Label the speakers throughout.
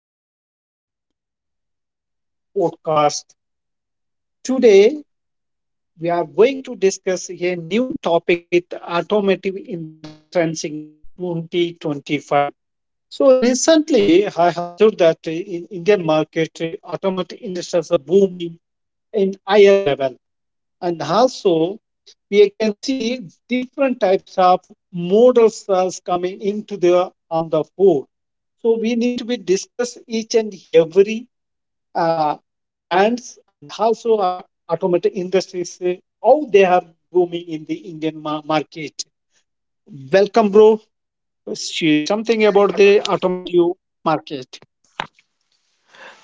Speaker 1: Welcome to my Irish podcast. Today we are going to discuss a new topic with automotive industry trends in 2025. So recently I have observed that in Indian market, automotive industry is booming in higher level, and also we can see different types of models as coming into the on the board. So we need to be discuss each and every uh, brands, and also our automotive industries, how they are booming in the Indian market. Welcome, bro. Share something about the automotive market.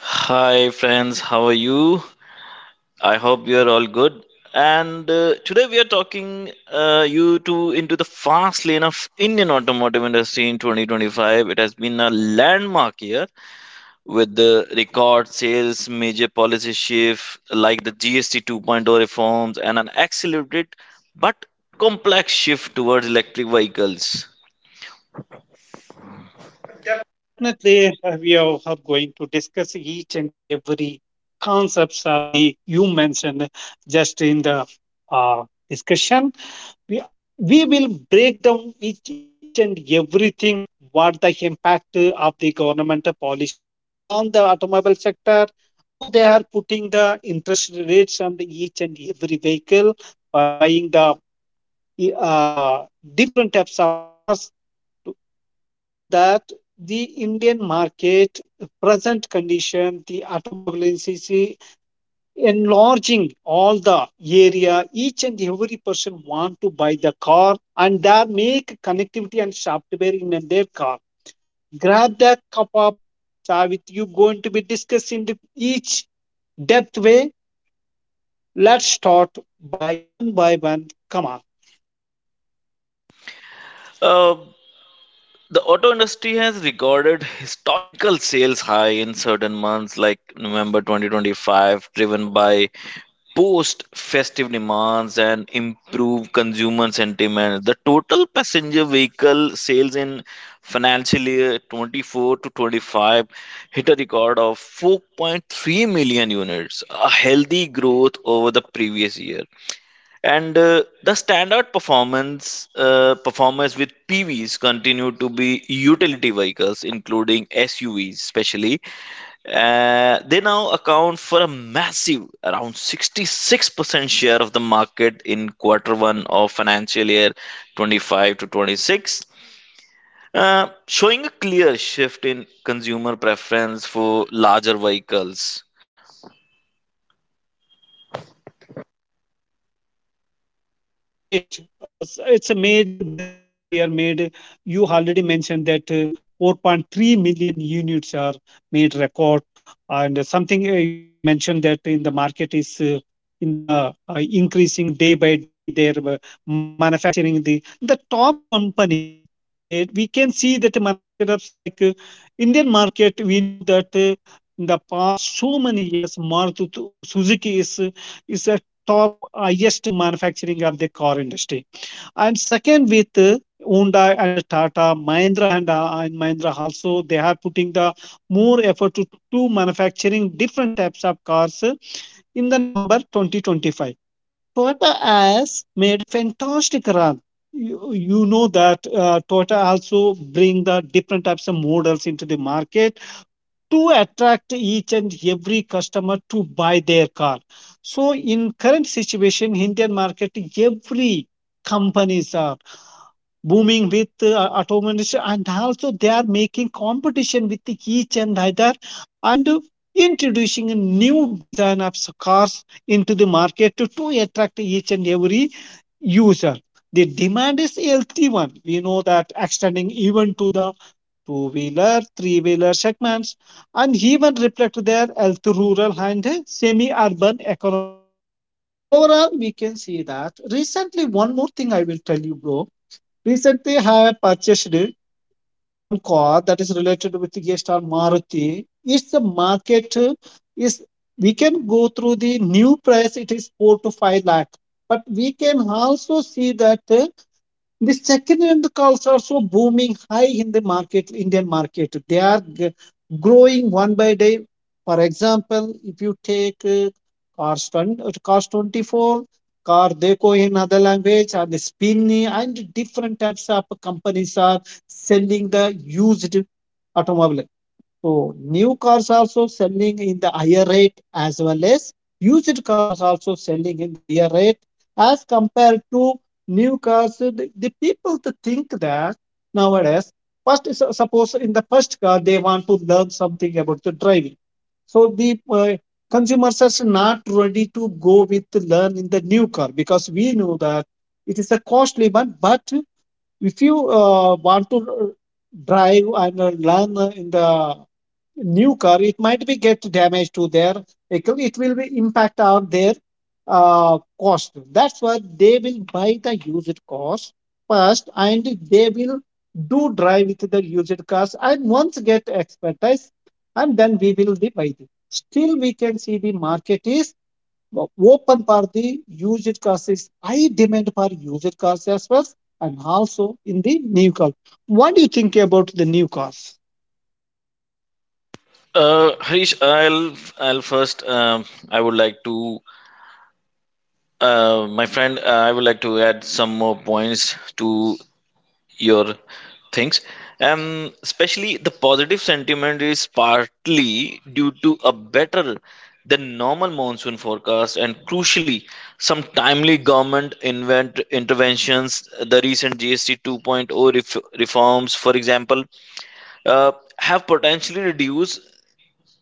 Speaker 2: Hi, friends, how are you? I hope you are all good. And today we are talking you two into the fast lane of Indian automotive industry in 2025. It has been a landmark year with the record sales, major policy shift like the GST 2.0 reforms, and an accelerated but complex shift towards electric vehicles.
Speaker 1: Definitely, we are going to discuss each and every concepts of the you mentioned just in the uh, discussion. We, we will break down each and everything what the impact of the governmental policies on the automobile sector, how they are putting the interest rates on the each and every vehicle for buying the uh, different types of cars. You know that the indian market present condition, the automobile industry enlarging all the area, each and every person want to buy the car and that make connectivity and software in their car. Grab that cup up, Savit. You going to be discussing the each depth way. Let's start by one by one, come on.
Speaker 2: Uh, The auto industry has recorded historical sales high in certain months like November 2025, driven by post festive demands and improved consumer sentiment. The total passenger vehicle sales in financial year 24 to 25 hit a record of 4.3 million units, a healthy growth over the previous year, and the standout performance performers with PVs continue to be utility vehicles, including SUVs, especially. They now account for a massive, around 66% share of the market in quarter one of financial year 25 to 26, showing a clear shift in consumer preference for larger vehicles.
Speaker 1: Wow, great. It's a made this current year made. You already mentioned that 4.3 million units are made record, and something you are mentioned that in the market is in the increasing day by day. They're manufacturing the top companies. Indeed, we can see that the manufacturers like Indian market. We know that in the past so many years, Maruti Suzuki is a top highest manufacturing of the car industry. And second, with Honda and Tata, Mahindra and Mahindra also, they are putting the more effort to manufacturing different types of cars in the November 2025. Toyota has made fantastic run. You know that Toyota also bring the different types of models into the market to attract each and every customer to buy their car. So in current situation indian market, every companies are booming with automation, and also they are making competition with each and other, and introducing a new design of cars into the market to attract each and every user. The demand is healthy one, we know that, extending even to the 2 wheeler, 3 wheeler segments, and even reflect their health rural and semi urban economics. Overall, we can see that recently, one more thing I will tell you, bro. Recently, I have purchased one car that is related with the star Maruti. It's the market is we can go through the new price, it is 4 to 5 lakh. But we can also see that. The second hand cars are so booming high in the market, Indian market. They are growing one by day. For example, if you take cars, 20, cars 24, car deco in other language, and Spinny, and different types of companies are selling the used automobile. So new cars also selling in the higher rate as well as used cars also selling in higher rate as compared to new cars. So the people to think that nowadays, first is, suppose in the first car they want to learn something about the driving. So the consumers are not ready to go with learn in the new car because we know that it is a costly one. But if you want to drive and learn in the new car, it might be get damage to their vehicle, it will be impact on their cost. That's why they will buy the used cars first, and they will do drive with the used cars and once get expertise, and then we will be buy it. Still we can see the market is open for the used cars, is high demand for used cars as well, and also in the new car. What do you think about the new cars?
Speaker 2: Harish, I'll first, I would like to. My friend, I would like to add some more points to your things. Especially the positive sentiment is partly due to a better than normal monsoon forecast, and crucially some timely government invent interventions. The recent GST 2.0 reforms, for example, uh, have potentially reduced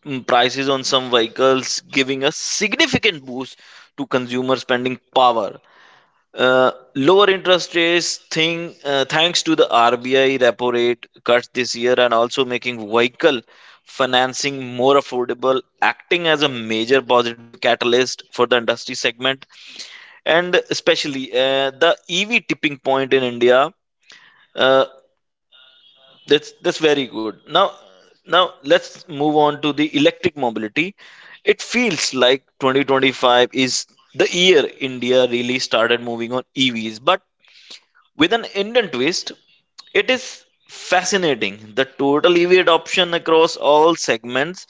Speaker 2: prices on some vehicles, giving a significant boost to consumer spending power. Lower interest rates thing, thanks to the RBI repo rate cuts this year, and also making vehicle financing more affordable, acting as a major positive catalyst for the industry segment, and especially the EV tipping point in India. Uh, that's very good. Now let's move on to the electric mobility. It feels like 2025 is the year India really started moving on EVs, but with an Indian twist, it is fascinating. The total EV adoption across all segments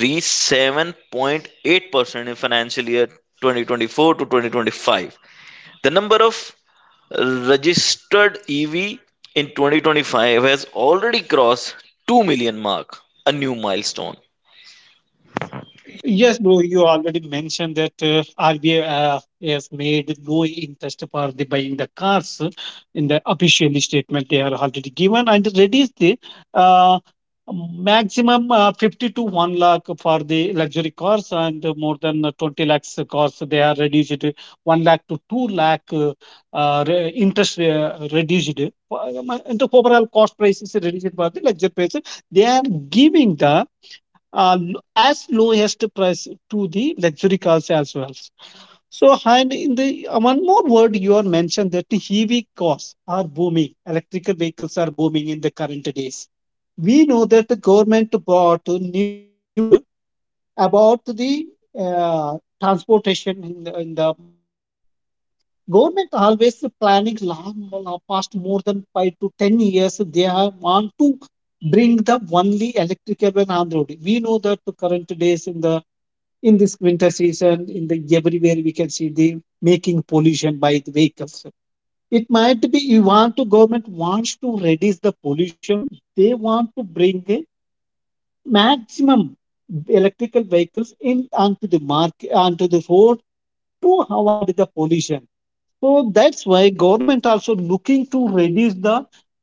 Speaker 2: reached 7.8% in financial year 2024 to 2025. The number of registered EV in 2025 has already crossed 2 million mark, a new milestone.
Speaker 1: Yes, bro, you already mentioned that RBI has made no interest for the buying the cars in the official statement they are already given, and reduce the uh, maximum 50 to 1 lakh for the luxury cars, and more than 20 lakhs cars they are reduced to 1 lakh to 2 lakh interest reduced. And the overall cost price is reduced for the luxury price. They are giving the uh, as lowest price to the luxury cars as well. So, and in the one more word, you are mentioned that the EV cars are booming. Electrical vehicles are booming in the current days. We know that the government bought a new rule about the transportation in the market. Government always planning long, past more than 5 to 10 years. They are want to bring the only electric vehicle on the road. We know that the current days in the in this winter season, in the everywhere we can see the making pollution by the vehicles. It might be you want to government wants to reduce the pollution, they want to bring the maximum electrical vehicles in onto the market onto the road to avoid the pollution. So that's why government also looking to reduce the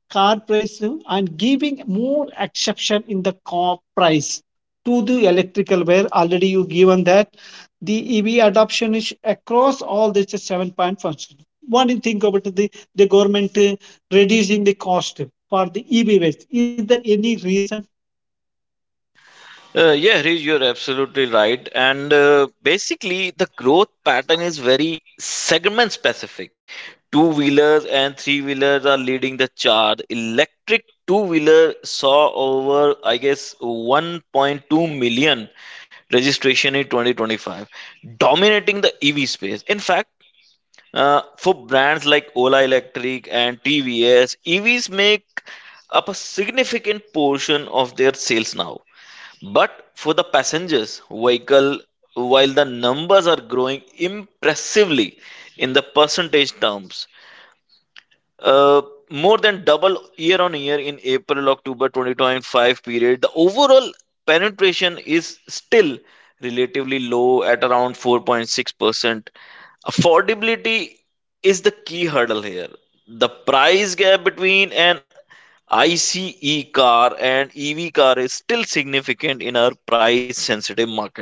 Speaker 1: car price and giving more exception in the car price to the electrical, where already you given that the EV adoption is across all this seven point function. One thing think about the government reducing the cost for the EV waste. Is there any reason?
Speaker 2: Yeah, Harish, you're absolutely right. And basically, the growth pattern is very segment specific. Two wheelers and three wheelers are leading the charge. Electric two wheeler saw over, I guess, 1.2 million registration in 2025, dominating the EV space. In fact, for brands like Ola Electric and TVS, EVs make up a significant portion of their sales now. But for the passengers vehicle, while the numbers are growing impressively in the percentage terms, uh, more than double year on year in April October 2025 period. The overall penetration is still relatively low at around 4.6%. Affordability is the key hurdle here. The price gap between an ICE car and EV car is still significant in our price sensitive market.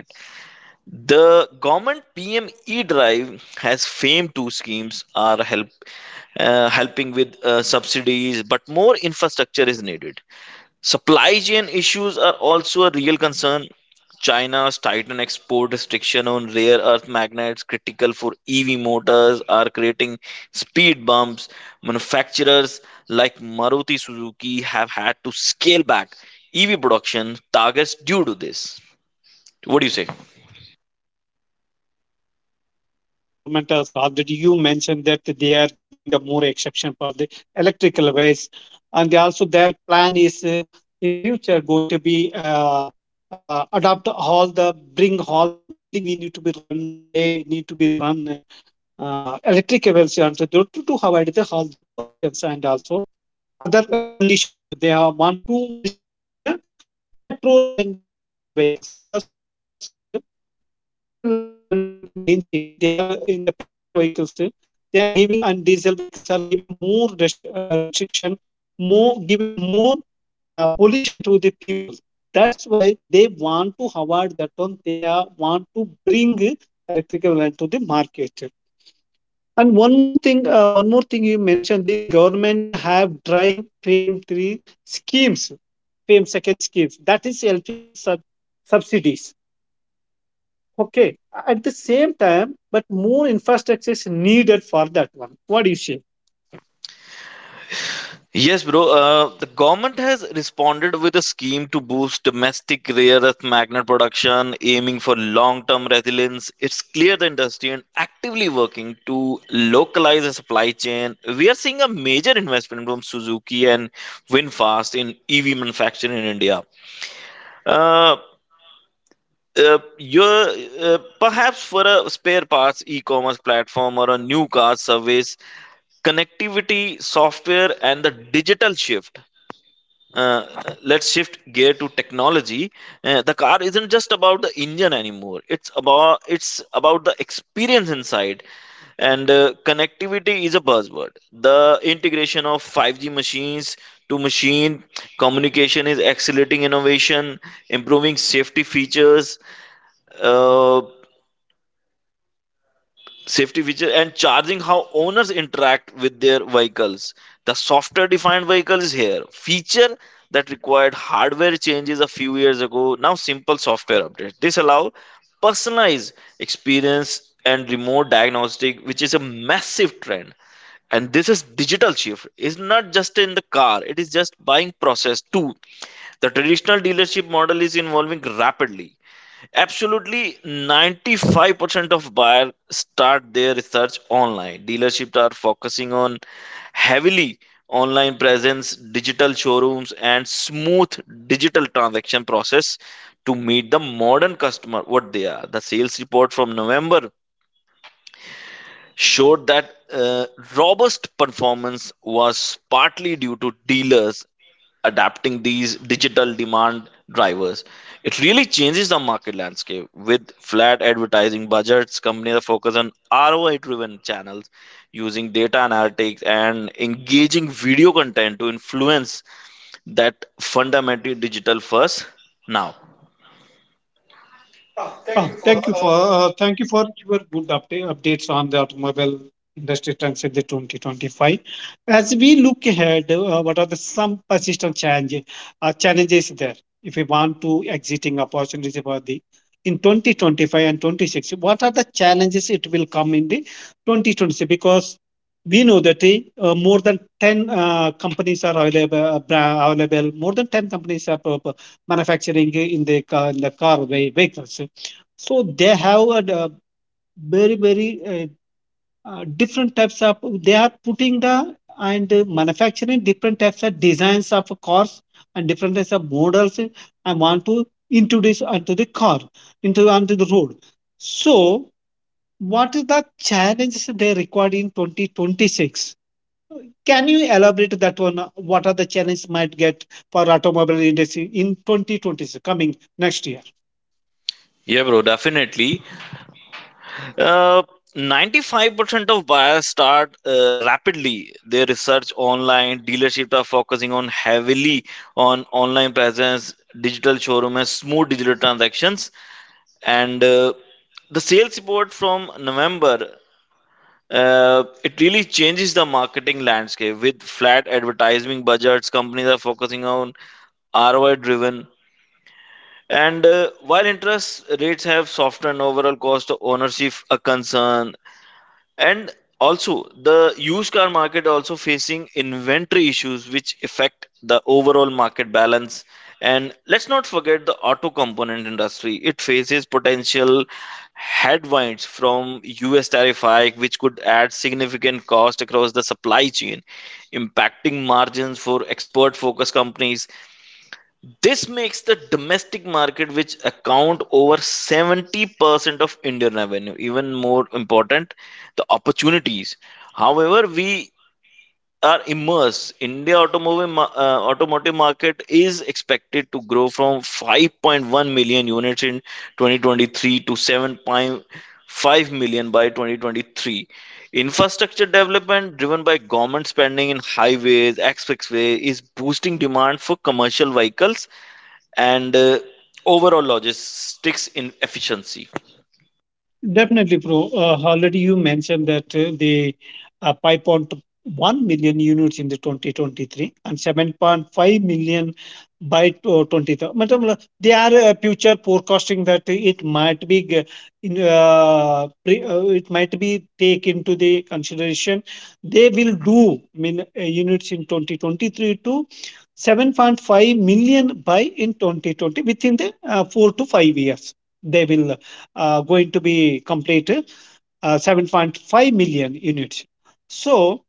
Speaker 2: The government PME drive has FAME 2 schemes are helping with subsidies, but more infrastructure is needed. Supply chain issues are also a real concern. China's tightened export restriction on rare earth magnets critical for EV motors are creating speed bumps. Manufacturers like Maruti Suzuki have had to scale back EV production targets due to this. What do you say?
Speaker 1: Exactly, exactly, bro. The government has already you mentioned that they are giving the more exception for the electrical waste, and they also their plan is in future going to be adopt all the bring all the only we need to be run they need to be run electric vehicles and to avoid the all the pollutions, and also other conditions. They are want to restrict the petrol and diesel vehicles because we know that the commercial vehicles are running in the main city. They are in the petrol vehicles. They are giving and diesel vehicles are giving more restriction, more giving more pollution to the people. That's why they want to avoid that one. Want to bring electrical van to the market. And one more thing, one more thing you mentioned did government have drive frame three schemes, frame second schemes that is helping the subsidies. Okay, at the same time, but more infrastructure is needed for that one. What do you say?
Speaker 2: Yes, bro. The government has responded with a scheme to boost domestic rare earth magnet production, aiming for long term resilience. It's clear the industry and actively working to localize the supply chain. We are seeing a major investment from Suzuki and VinFast in EV manufacturing in India. Uh, your Perhaps for a spare parts e-commerce platform or a new car service connectivity software and the digital shift. Uh, let's shift gear to technology. The car isn't just about the engine anymore, it's about, the experience inside. And connectivity is a buzzword. The integration of 5G machines to machine communication is accelerating innovation, improving safety features. Uh, safety feature and charging how owners interact with their vehicles. The software defined vehicle is here, feature that required hardware changes a few years ago now simple software updates. This allow personalized experience and remote diagnostic, which is a massive trend. And this is digital shift. It's not just in the car, it is just buying process too. The traditional dealership model is evolving rapidly. Absolutely, 95% of buyers start their research online. Dealerships are focusing on heavily online presence, digital showrooms, and smooth digital transaction process to meet the modern customer what they are. The sales report from November showed that robust performance was partly due to dealers adapting these digital demand drivers. It really changes the market landscape. With flat advertising budgets, companies are focused on ROI driven channels, using data analytics and engaging video content to influence that fundamentally digital first now.
Speaker 1: Oh, thank you for your good updates on the automobile industry trends in the 2025. As we look ahead, what are the some persistent challenges there? If we want to exiting opportunities for the in 2025 and 26, what are the challenges it will come in the 2026? Because we know that more than 10 companies are available, available, more than 10 companies are manufacturing in the car vehicles, so they have a very very different types of they are putting the and manufacturing different types of designs of cars and different types of models. I want to introduce onto the car into onto the road. So what is the challenges they required in 2026? Can you elaborate that one? What are the challenges might get for automobile industry in 2026 coming next year?
Speaker 2: Yeah, bro, definitely. Uh, 95% of buyers start rapidly their research online. Dealerships are focusing on heavily on online presence, digital showroom, and smooth digital transactions. And the sales report from November, it really changes the marketing landscape with flat advertising budgets. Companies are focusing on ROI driven. And while interest rates have softened, overall cost of ownership a concern, and also the used car market also facing inventory issues which affect the overall market balance. And let's not forget the auto component industry, it faces potential headwinds from us tariff hike which could add significant cost across the supply chain, impacting margins for export focused companies. This makes the domestic market, which account over 70% of Indian revenue, even more important, the opportunities. However, we are immersed. India automobile automotive market is expected to grow from 5.1 million units in 2023 to 7.5 million by 2023. Infrastructure development driven by government spending in highways, expressway is boosting demand for commercial vehicles, and overall logistics in efficiency.
Speaker 1: Definitely, bro. Already you mentioned that the 5.1 million units in the 2023 and 7.5 million by 2030. Madam, They are future forecasting that it might be in, it might be take into the consideration. They will do min, units in 2023 to 7.5 million by in 2020 within the 4 to 5 years. They will going to be completed 7.5 million units. So,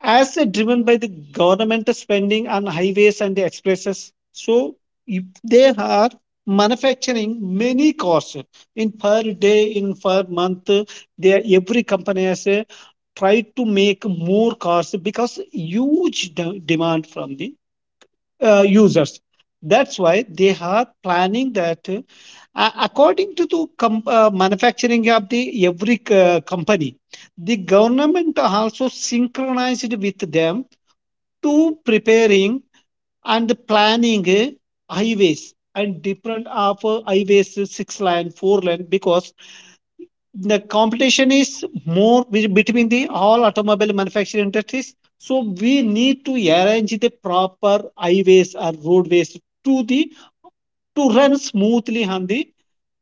Speaker 1: as they're driven by the government spending on highways and the expresses, so if they are manufacturing many cars in per day, in per month, they every company has a, tried to make more cars because huge demand from the users. That's why they are planning that according to the manufacturing of the every company, the government also synchronized with them to preparing and planning highways and different of highways, 6 lane 4 lane because the competition is more between the all automobile manufacturing industries, so we need to arrange the proper highways or roadways to the to run smoothly on the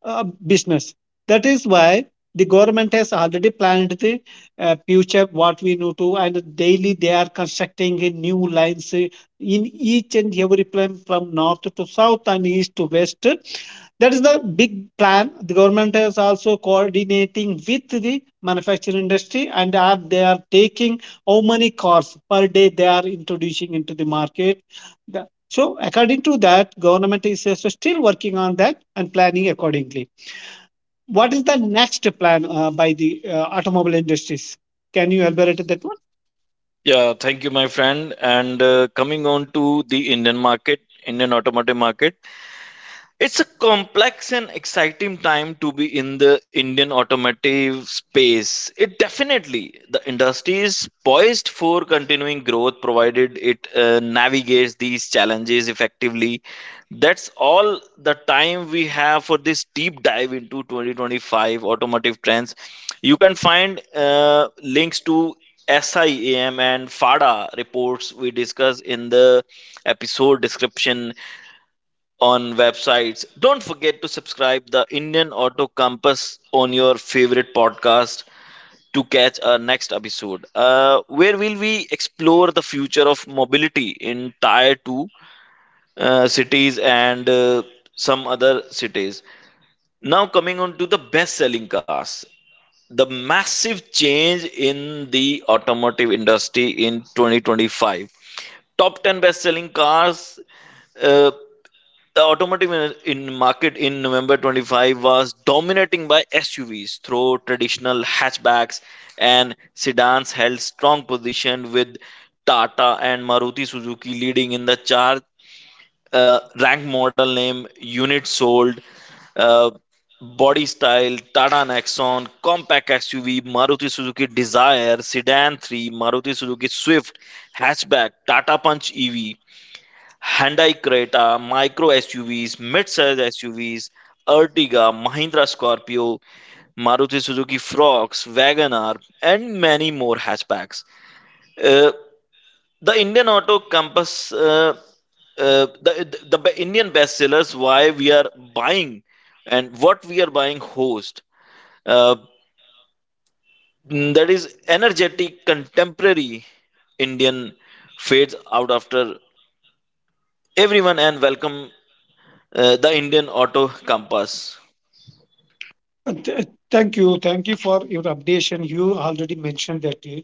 Speaker 1: business. That is why the government has already planned the future what we need to, and daily they are constructing a new lines in each and every plan from north to south and east to west. That is the big plan. The government is also coordinating with the manufacturing industry, and are they are taking how many cars per day they are introducing into the market. The- so according to that, government is also still working on that and planning accordingly. What is the next plan by the automobile industries? Can you elaborate that one?
Speaker 2: Yeah, thank you, my friend. And coming on to the Indian market, Indian automotive market. It's a complex and exciting time to be in the Indian automotive space. It definitely, the industry is poised for continuing growth, provided it navigates these challenges effectively. That's all the time we have for this deep dive into 2025 automotive trends. You can find links to SIAM and FADA reports we discuss in the episode description on websites. Don't forget to subscribe the Indian Auto Compass on your favorite podcast to catch our next episode, where will we explore the future of mobility in Tier Two cities and some other cities. Now coming on to the best-selling cars. The massive change in the automotive industry in 2025. Top 10 best-selling cars, uh, the automotive in market in November 25 was dominating by SUVs, though traditional hatchbacks and sedans held strong position, with Tata and Maruti Suzuki leading in the chart. Rank, model name, units sold, uh, body style: Tata Nexon, compact SUV, Maruti Suzuki Desire, sedan 3, Maruti Suzuki Swift, hatchback, Tata Punch EV, Hyundai Creta, micro SUVs, mid-size SUVs, Ertiga, Mahindra Scorpio, Maruti Suzuki Frogs, Wagoner, and many more hatchbacks. Uh, the Indian auto compass, the Indian bestsellers, why we are buying and what we are buying host. Uh, that is energetic, contemporary Indian fades out after everyone and welcome the Indian auto compass.
Speaker 1: Thank you. Thank you for your updation. You already mentioned that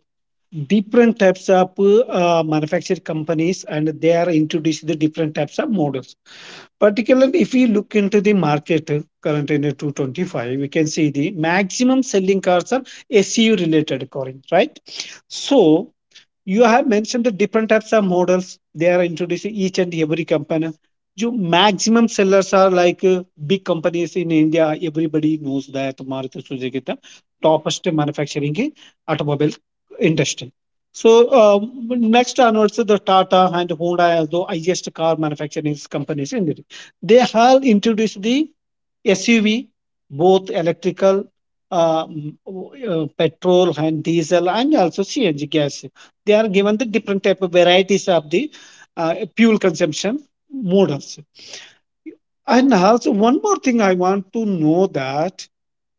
Speaker 1: different types of manufactured companies and they are introducing the different types of models. Particularly, if we look into the market current in the 225, we can see the maximum selling cars are SUV related, Corin, right? So, you have mentioned the different types of models they are introducing each and every company. You maximum sellers are like big companies in India. Everybody knows that Maruti Suzuki is the topest manufacturing in automobile industry. So next onwards, the Tata and Honda as the highest car manufacturing companies in India. They have introduced the SUV, both electrical, uh, mm, petrol and diesel, and also CNG gas. They are given the different type of varieties of the fuel consumption models. And also one more thing I want to know that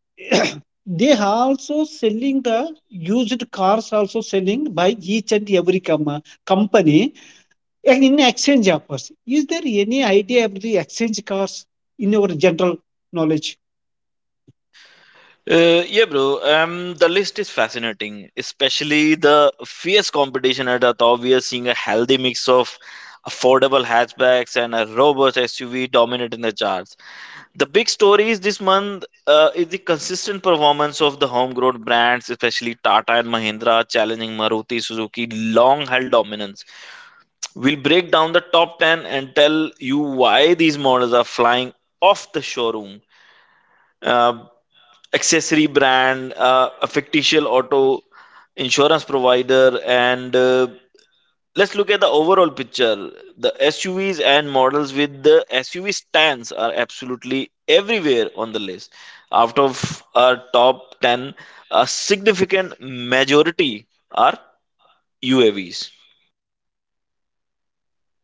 Speaker 1: they are also selling the used cars also selling by each and every company and in exchange offers. Is there any idea about the exchange cars in your general knowledge?
Speaker 2: Yeah, bro. The list is fascinating, especially the fierce competition at the top. We are seeing a healthy mix of affordable hatchbacks and a robust SUV dominating the charts. The big stories this month is the consistent performance of the homegrown brands, especially Tata and Mahindra, challenging Maruti Suzuki long-held dominance. We'll break down the top 10 and tell you why these models are flying off the showroom. Uh, Accessory brand, a fictitious auto insurance provider, and let's look at the overall picture. The SUVs and models with the SUV stands are absolutely everywhere on the list. Out of our top 10, a significant majority are UAVs.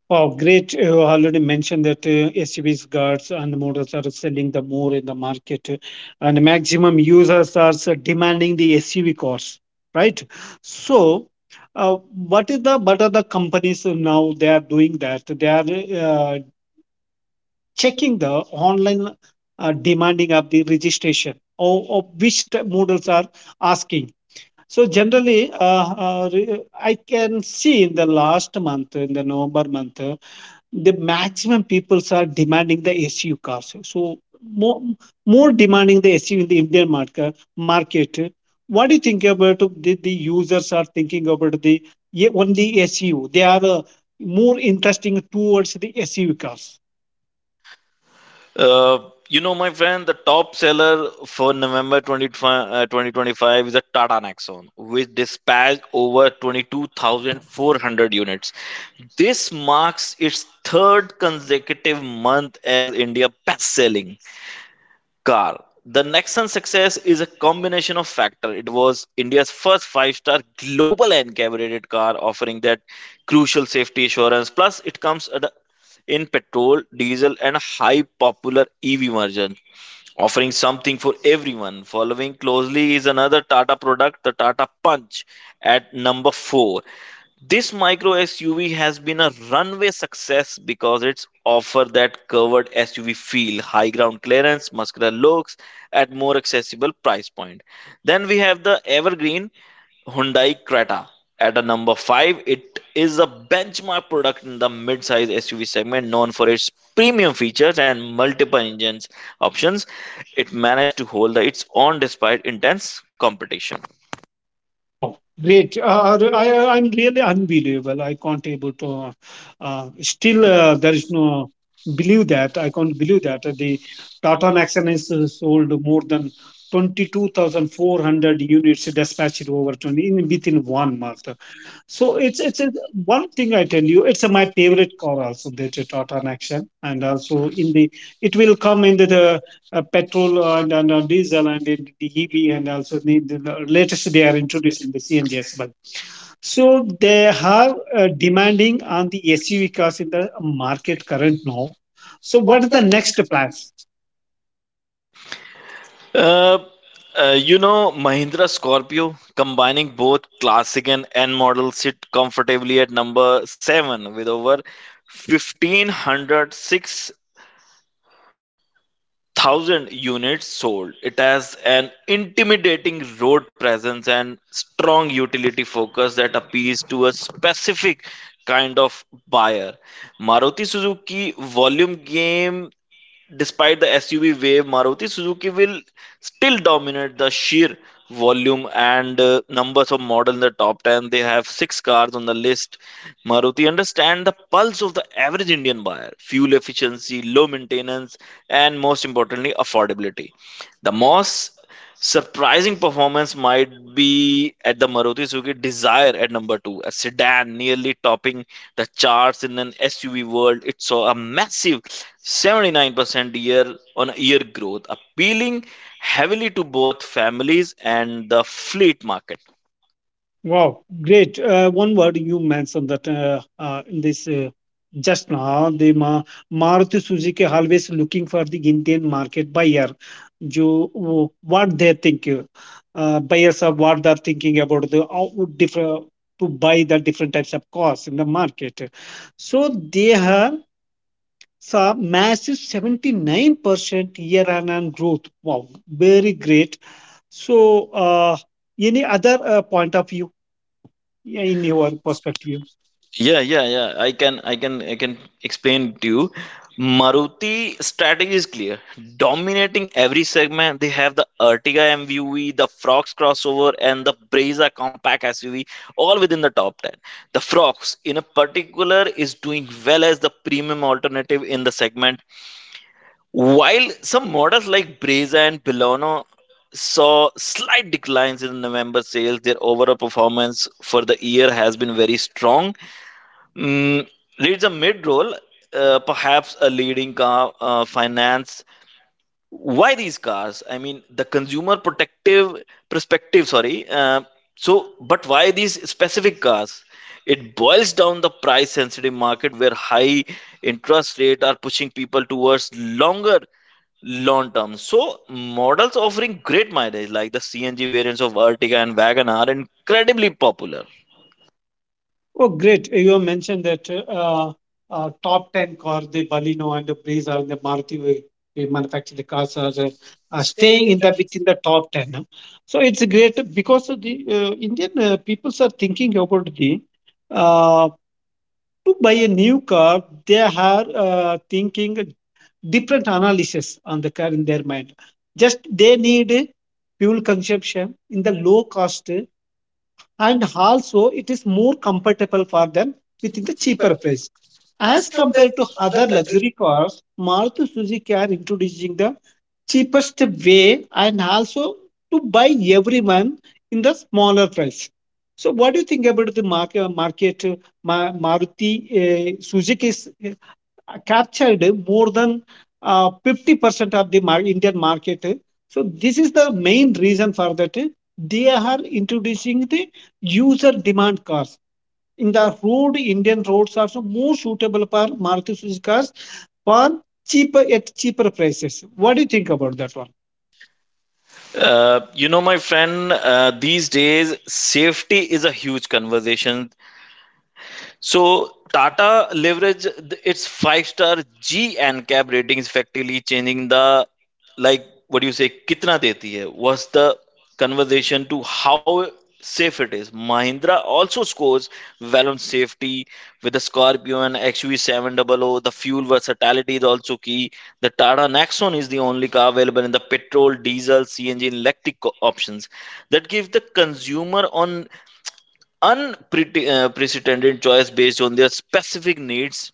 Speaker 1: Wow, great. You already mentioned that SUVs, guards, and models are selling the more in the market, and maximum users are demanding the SUV cars, right? So, what is the what are the companies now they are doing that? They are uh, checking the online demanding of the registration or which models are asking. So generally, I can see in the last month, in the November month the maximum peoples are demanding the SUV cars. So more, more demanding the SUV in the Indian market. What do you think about the users are thinking about the only SUV? They are more interesting towards the SUV cars.
Speaker 2: Uh, you know, my friend, the top seller for November 2025, 2025 is a Tata Nexon, which dispatched over 22,400 units. This marks its third consecutive month as India best selling car. The Nexon success is a combination of factors. It was India's first five-star global encabulated car, offering that crucial safety assurance. Plus, it comes in petrol, diesel, and a high popular EV version, offering something for everyone. Following closely is another Tata product, the Tata Punch, at number four. This micro SUV has been a runway success because it's offer that covered SUV feel, high ground clearance, muscular looks at more accessible price point. Then we have the evergreen Hyundai Creta. At a number 5, it is a benchmark product in the mid-size SUV segment, known for its premium features and multiple engines options. It managed to hold its own despite intense competition.
Speaker 1: Wow, great. I'm really unbelievable. I can't able to, still, there is no believe that. I can't believe that. The Tata Nexon is sold more than 22,400 units dispatched over 20 in within 1 month. So it's a, one thing I tell you. It's a, my favorite car also. The Tata Action, and also in the it will come in the petrol and diesel and in the EV, and also the latest they are introducing the CNG as well. So they are demanding on the SUV cars in the market current now. So what is the next plans?
Speaker 2: Uh, you know, Mahindra Scorpio combining both classic and N models sit comfortably at number 7 with over fifteen hundred six thousand units sold. It has an intimidating road presence and strong utility focus that appeals to a specific kind of buyer. Maruti Suzuki volume game. Despite the SUV wave, Maruti Suzuki will still dominate the sheer volume and numbers of models in the top 10. They have six cars on the list. Maruti understand the pulse of the average Indian buyer: fuel efficiency, low maintenance, and most importantly, affordability. The most surprising performance might be at the Maruti Suzuki Desire at number two, a sedan nearly topping the charts in an SUV world. It saw a massive 79% year on year growth, appealing heavily to both families and the fleet market.
Speaker 1: Wow, great. One word you mentioned that in this just now, the Maruti Suzuki always looking for the Indian market buyer. Jo, what they think, buyers are what they're thinking about the how different to buy the different types of cars in the market. So they have saw massive 79% year on year growth. Wow, very great. So, any other point of view? Yeah, in your perspective?
Speaker 2: Yeah, yeah, yeah. I can explain to you. Maruti strategy is clear. Dominating every segment, they have the Ertiga MVV, the Frox crossover, and the Brezza compact SUV, all within the top 10. The Frox, in a particular, is doing well as the premium alternative in the segment, while some models like Brezza and Bilono saw slight declines in November sales. Their overall performance for the year has been very strong. Mm, Leads a mid role, perhaps a leading car finance. Why these cars? I mean, the consumer protective perspective. Sorry. So, but why these specific cars? It boils down the price sensitive market where high interest rate are pushing people towards long term. So models offering great mileage like the CNG variants of Ertiga and Wagon are incredibly popular.
Speaker 1: Oh, great. You have mentioned that top 10 car, the Baleno and the Breeze are the Maruti we manufacture the cars are staying in the within the top 10. Huh? So it's a great because of the Indian peoples are thinking about the uh, to buy a new car, they are thinking different analysis on the car in their mind. Just they need fuel consumption in the low cost and also it is more comfortable for them within the cheaper price. As compared to other luxury cars, Maruti Suzuki are introducing the cheapest way and also to buy everyone in the smaller price. So, what do you think about the market, Maruti Suzuki's captured more than 50% of the Indian market. So this is the main reason for that. They are introducing the user demand cars. In the road, Indian roads are so more suitable for Maruti Suzuki cars for cheaper at cheaper prices. What do you think about that one?
Speaker 2: You know, my friend, these days safety is a huge conversation, so Tata leverage its five-star G and cab ratings effectively, changing the like what do you say कितना देती है was the conversation to how safe it is. Mahindra also scores well on safety with the Scorpio and XUV700. The fuel versatility is also key. The Tata Nexon is the only car available in the petrol, diesel, CNG, and electric options, that give the consumer on unprecedented choice based on their specific needs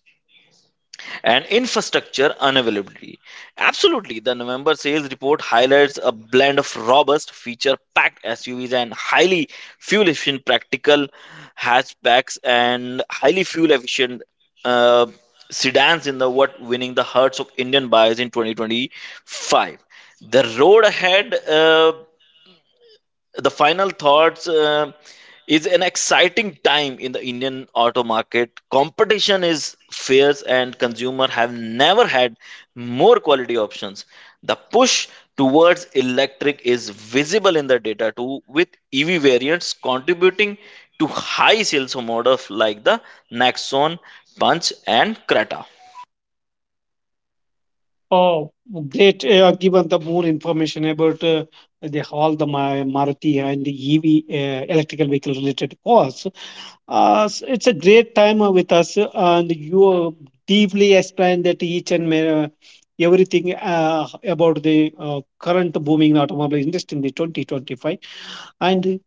Speaker 2: and infrastructure unavailability. Absolutely, the November sales report highlights a blend of robust, feature packed SUVs and highly fuel efficient practical hatchbacks and highly fuel efficient Uh, sedans in the what winning the hearts of Indian buyers in 2025. The road ahead, the final thoughts, is an exciting time in the Indian auto market. Competition is fierce, and consumer have never had more quality options. The push towards electric is visible in the data too, with EV variants contributing to high sales of models like the Nexon, Punch, and Creta.
Speaker 1: Oh, great! You have given the more information about the all the Maruti and the EV electrical vehicle related cars. It's a great time with us, and you deeply explained that everything about the current booming automobile industry in the 2025. And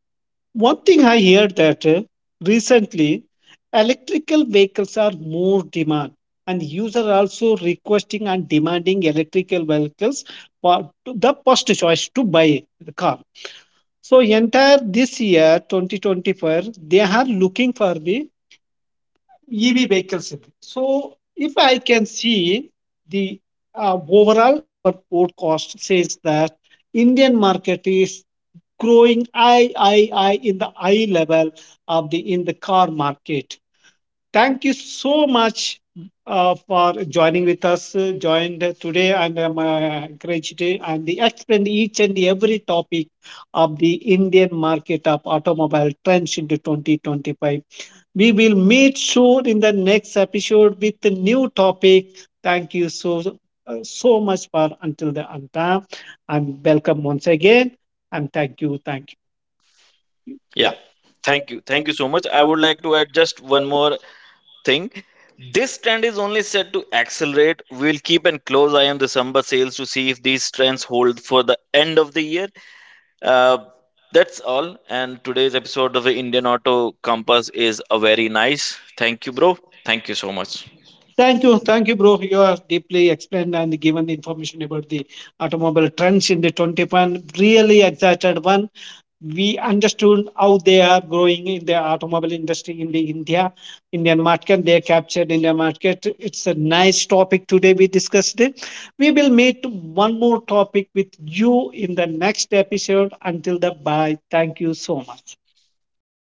Speaker 1: one thing I heard that recently, electrical vehicles are more demand, and users also requesting and demanding electrical vehicles for the first choice to buy the car. So entire this year, 2025, they are looking for the EV vehicles. So if I can see the overall our podcast says that Indian market is growing I in the eye level of the in the car market. Thank you so much for joining with us. Uh, joined today and encouraged today and the explained each and every topic of the Indian market of automobile trends into 2025. We will meet soon in the next episode with a new topic. Thank you so so much for until the end time. I'm welcome once again, and thank you, thank you.
Speaker 2: Yeah, thank you so much. I would like to add just one more thing. This trend is only set to accelerate. We'll keep an close eye on December sales to see if these trends hold for the end of the year. Uh, that's all. And today's episode of the Indian Auto Compass is a very nice. Thank you, bro. Thank you so much.
Speaker 1: Thank you, thank you, bro. You have deeply explained and given information about the automobile trends in the 21. Really excited one we understood how they are growing in the automobile industry in the India, Indian market. They captured Indian market. It's a nice topic today. We discussed it. We will meet one more topic with you in the next episode. Until then, bye. Thank you so much.
Speaker 2: Yeah.